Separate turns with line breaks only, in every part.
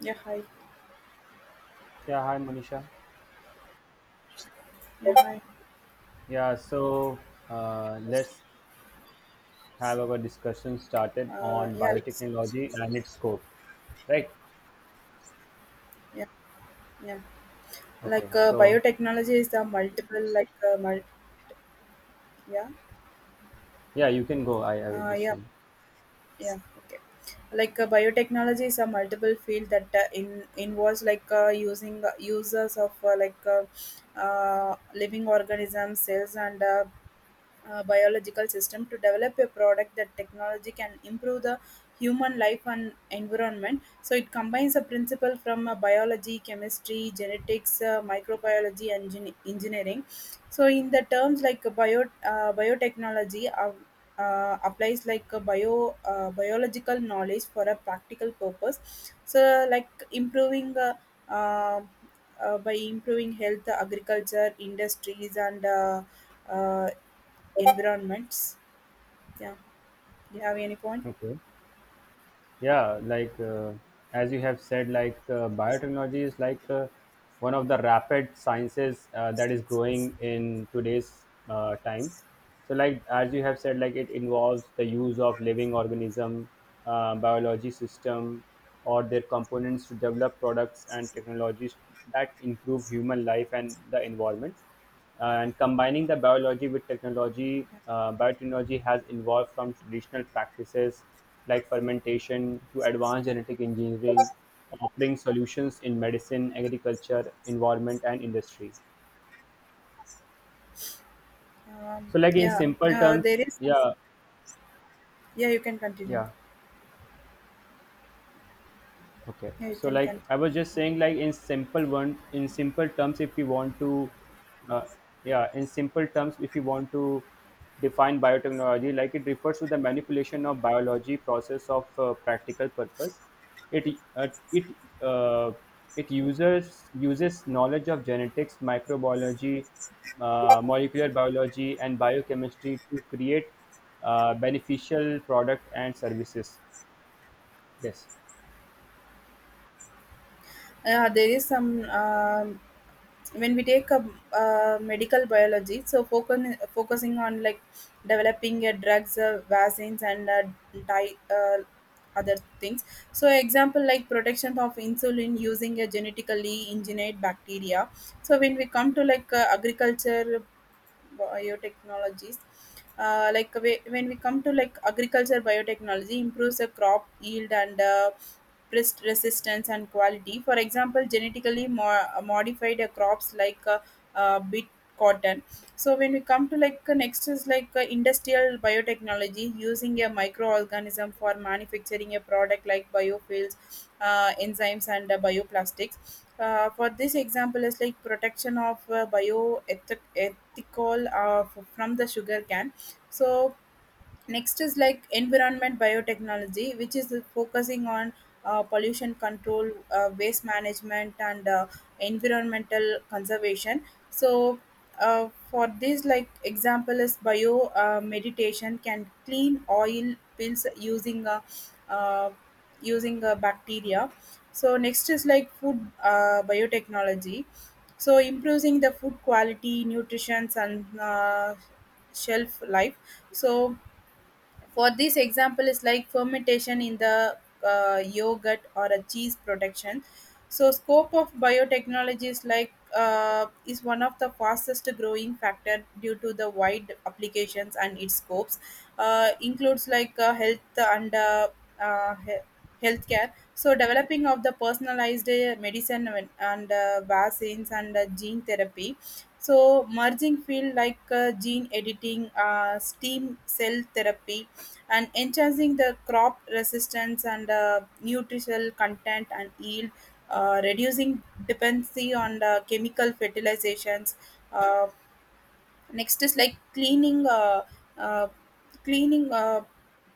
Yeah, hi.
Yeah, hi Monisha.
Yeah, hi.
Yeah, so let's have our discussion started on
Yeah, let's,
biotechnology and its scope, right?
yeah, yeah.
Okay,
Like
so
biotechnology is the multiple, like mul yeah,
yeah, you can go. I will just
yeah.
say.
yeah okay like biotechnology is a multiple field that in involves like using users of like living organisms cells and biological system to develop a product that technology can improve the human life and environment. So it combines a principle from biology chemistry genetics, microbiology and engineering. So in the terms like biotechnology applies like a biological knowledge for a practical purpose, so like uh, improving health agriculture industries and uh, environments. Yeah, do you have any point?
Okay. Yeah, like as you have said, like biotechnology is like one of the rapid sciences that is growing in today's time. So like as you have said, like it involves the use of living organism, biology system or their components, to develop products and technologies that improve human life and the environment. And combining the biology with technology, biotechnology has evolved from traditional practices like fermentation to advanced genetic engineering, offering solutions in medicine, agriculture, environment, and industry. So, like in
Yeah
simple terms,
there is
yeah,
yeah you can continue.
yeah. Okay.
Yeah, you
So
can
like
continue.
I was just saying, like in simple terms, if we want to uh, yeah, in simple terms, if we want to define biotechnology, like it refers to the manipulation of biology process of practical purpose. It uh, it uh, it uses uses knowledge of genetics, microbiology, molecular biology, and biochemistry to create beneficial product and services. Yes.
There is some. When we take a, medical biology, so focusing on like developing drugs, vaccines, and di- uh, other things. So example like protection of insulin using a genetically engineered bacteria. So when we come to like agriculture biotechnologies, when we come to like agriculture biotechnology improves the crop yield and pest resistance and quality, for example genetically modified crops like beet, cotton. So when we come to like next is like industrial biotechnology using a microorganism for manufacturing a product like biofuels, enzymes and bioplastics. For this example is like protection of bioethical from the sugar can. So next is like environment biotechnology, which is focusing on pollution control, waste management, and environmental conservation. So, for this, like example is bio meditation can clean oil pills using uh, bacteria. So next is like food biotechnology. So improving the food quality, nutrition, and shelf life. So for this example, is like fermentation in the yogurt or a cheese production. So scope of biotechnology is like is one of the fastest growing factor due to the wide applications, and its scopes includes like health and uh, he- healthcare. So developing of the personalized medicine and vaccines and gene therapy. So merging field like gene editing, stem cell therapy, and enhancing the crop resistance and nutritional content and yield, reducing dependency on chemical fertilizations. Uh, Next is like uh, cleaning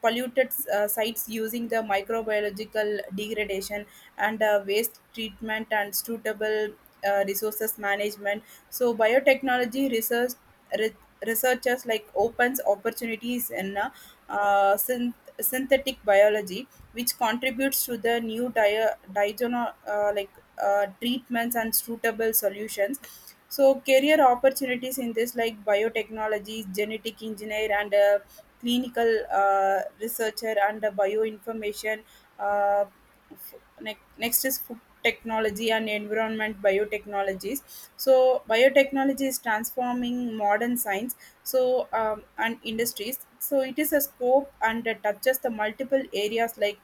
polluted sites using the microbiological degradation and waste treatment and suitable resources management. So biotechnology re- researchers like opens opportunities in uh, syn synthetic biology, which contributes to the new treatments and suitable solutions. So career opportunities in this like biotechnology, genetic engineer and a clinical researcher and a bioinformation. Uh, f- Next is food technology and environment biotechnologies. So biotechnology is transforming modern science and industries. So it is a scope and touches the multiple areas like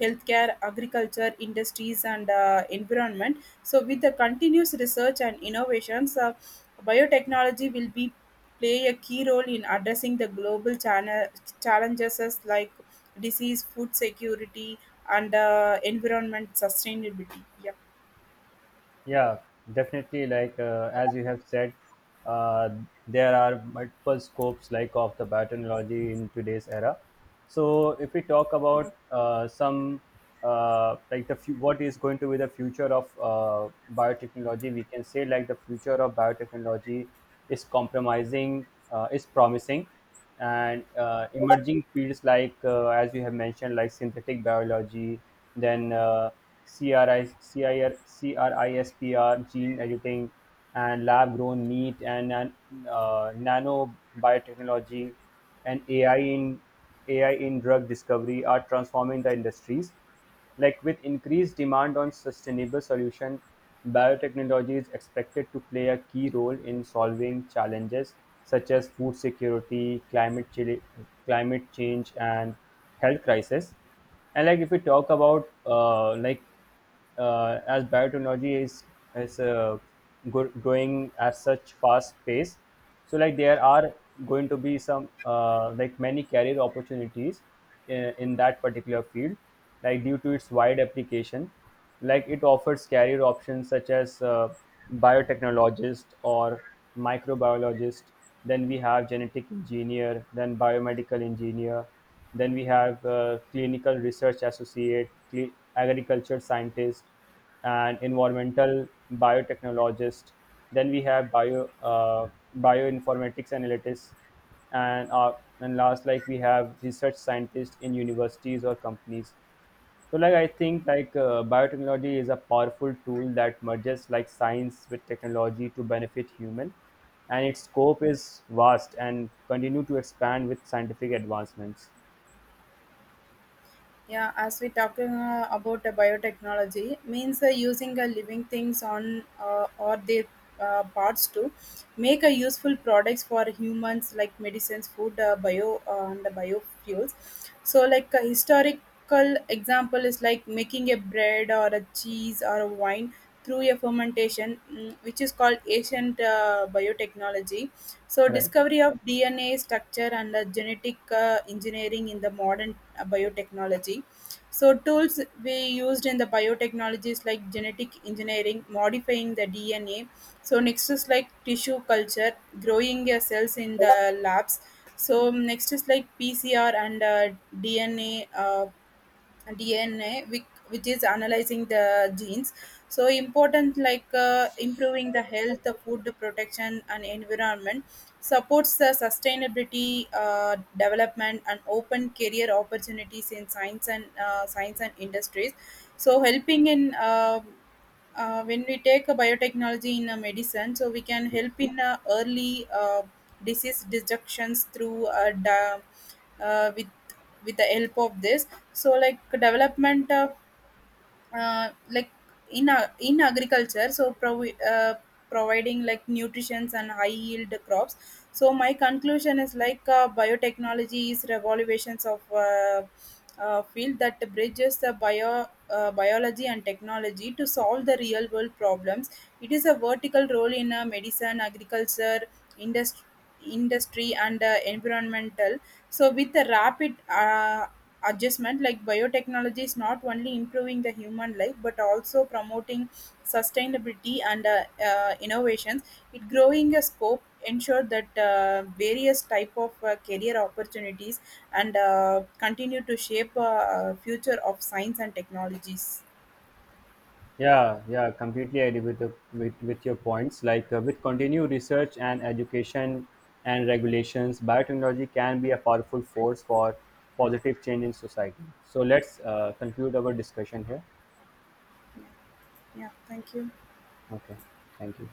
healthcare, agriculture, industries and environment. So, with the continuous research and innovations, biotechnology will be play a key role in addressing the challenges as like disease, food security, and environment sustainability. Yeah.
Yeah, definitely. Like as you have said, uh, there are multiple scopes like of the biotechnology in today's era. So if we talk
Yeah.
about some like what is going to be the future of biotechnology, we can say like the future of biotechnology is promising, and emerging fields like as you have mentioned, like synthetic biology, then CRISPR gene editing, and lab grown meat, and nano biotechnology, and AI in drug discovery are transforming the industries. Like with increased demand on sustainable solution, biotechnology is expected to play a key role in solving challenges such as food security, climate change, and health crisis. And like if we talk about like as biotechnology is growing at such fast pace, so like there are going to be some like many career opportunities in that particular field, like due to its wide application. Like it offers career options such as biotechnologist or microbiologist, then we have genetic engineer, then biomedical engineer, then we have clinical research associate, agriculture scientist, and environmental biotechnologist, then we have bioinformatics analytics, and and last, like we have research scientist in universities or companies. So like I think like biotechnology is a powerful tool that merges like science with technology to benefit human, and its scope is vast and continue to expand with scientific advancements.
Yeah, as we talking about biotechnology, means using living things on or their parts to make a useful products for humans like medicines, food, bio and the biofuels. So, like a historical example is like making a bread or a cheese or a wine through a fermentation, mm, which is called ancient biotechnology. So
Right.
discovery of DNA structure and genetic engineering in the modern biotechnology. So tools we used in the biotechnologies like genetic engineering, modifying the DNA. So next is like tissue culture, growing your cells in the labs. So next is like PCR and DNA, which is analyzing the genes. So important like improving the health, the food protection, and environment supports the sustainability development and open career opportunities in science and science and industries. So helping in when we take a biotechnology in a medicine, so we can help in early disease detections through da, uh, with with the help of this. So like development. Like in in agriculture so providing like nutritions and high yield crops. So my conclusion is like biotechnology is revolutions of field that bridges the biology and technology to solve the real world problems. It is a vertical role in medicine, agriculture, industry industry and environmental. So with a rapid adjustment, like biotechnology is not only improving the human life but also promoting sustainability and innovations. It growing a scope ensure that various type of career opportunities and continue to shape future of science and technologies.
Yeah, yeah, completely agree with with your points. Like with continued research and education and regulations, biotechnology can be a powerful force for positive change in society. So let's conclude our discussion here.
Yeah, yeah, thank you.
Okay, thank you.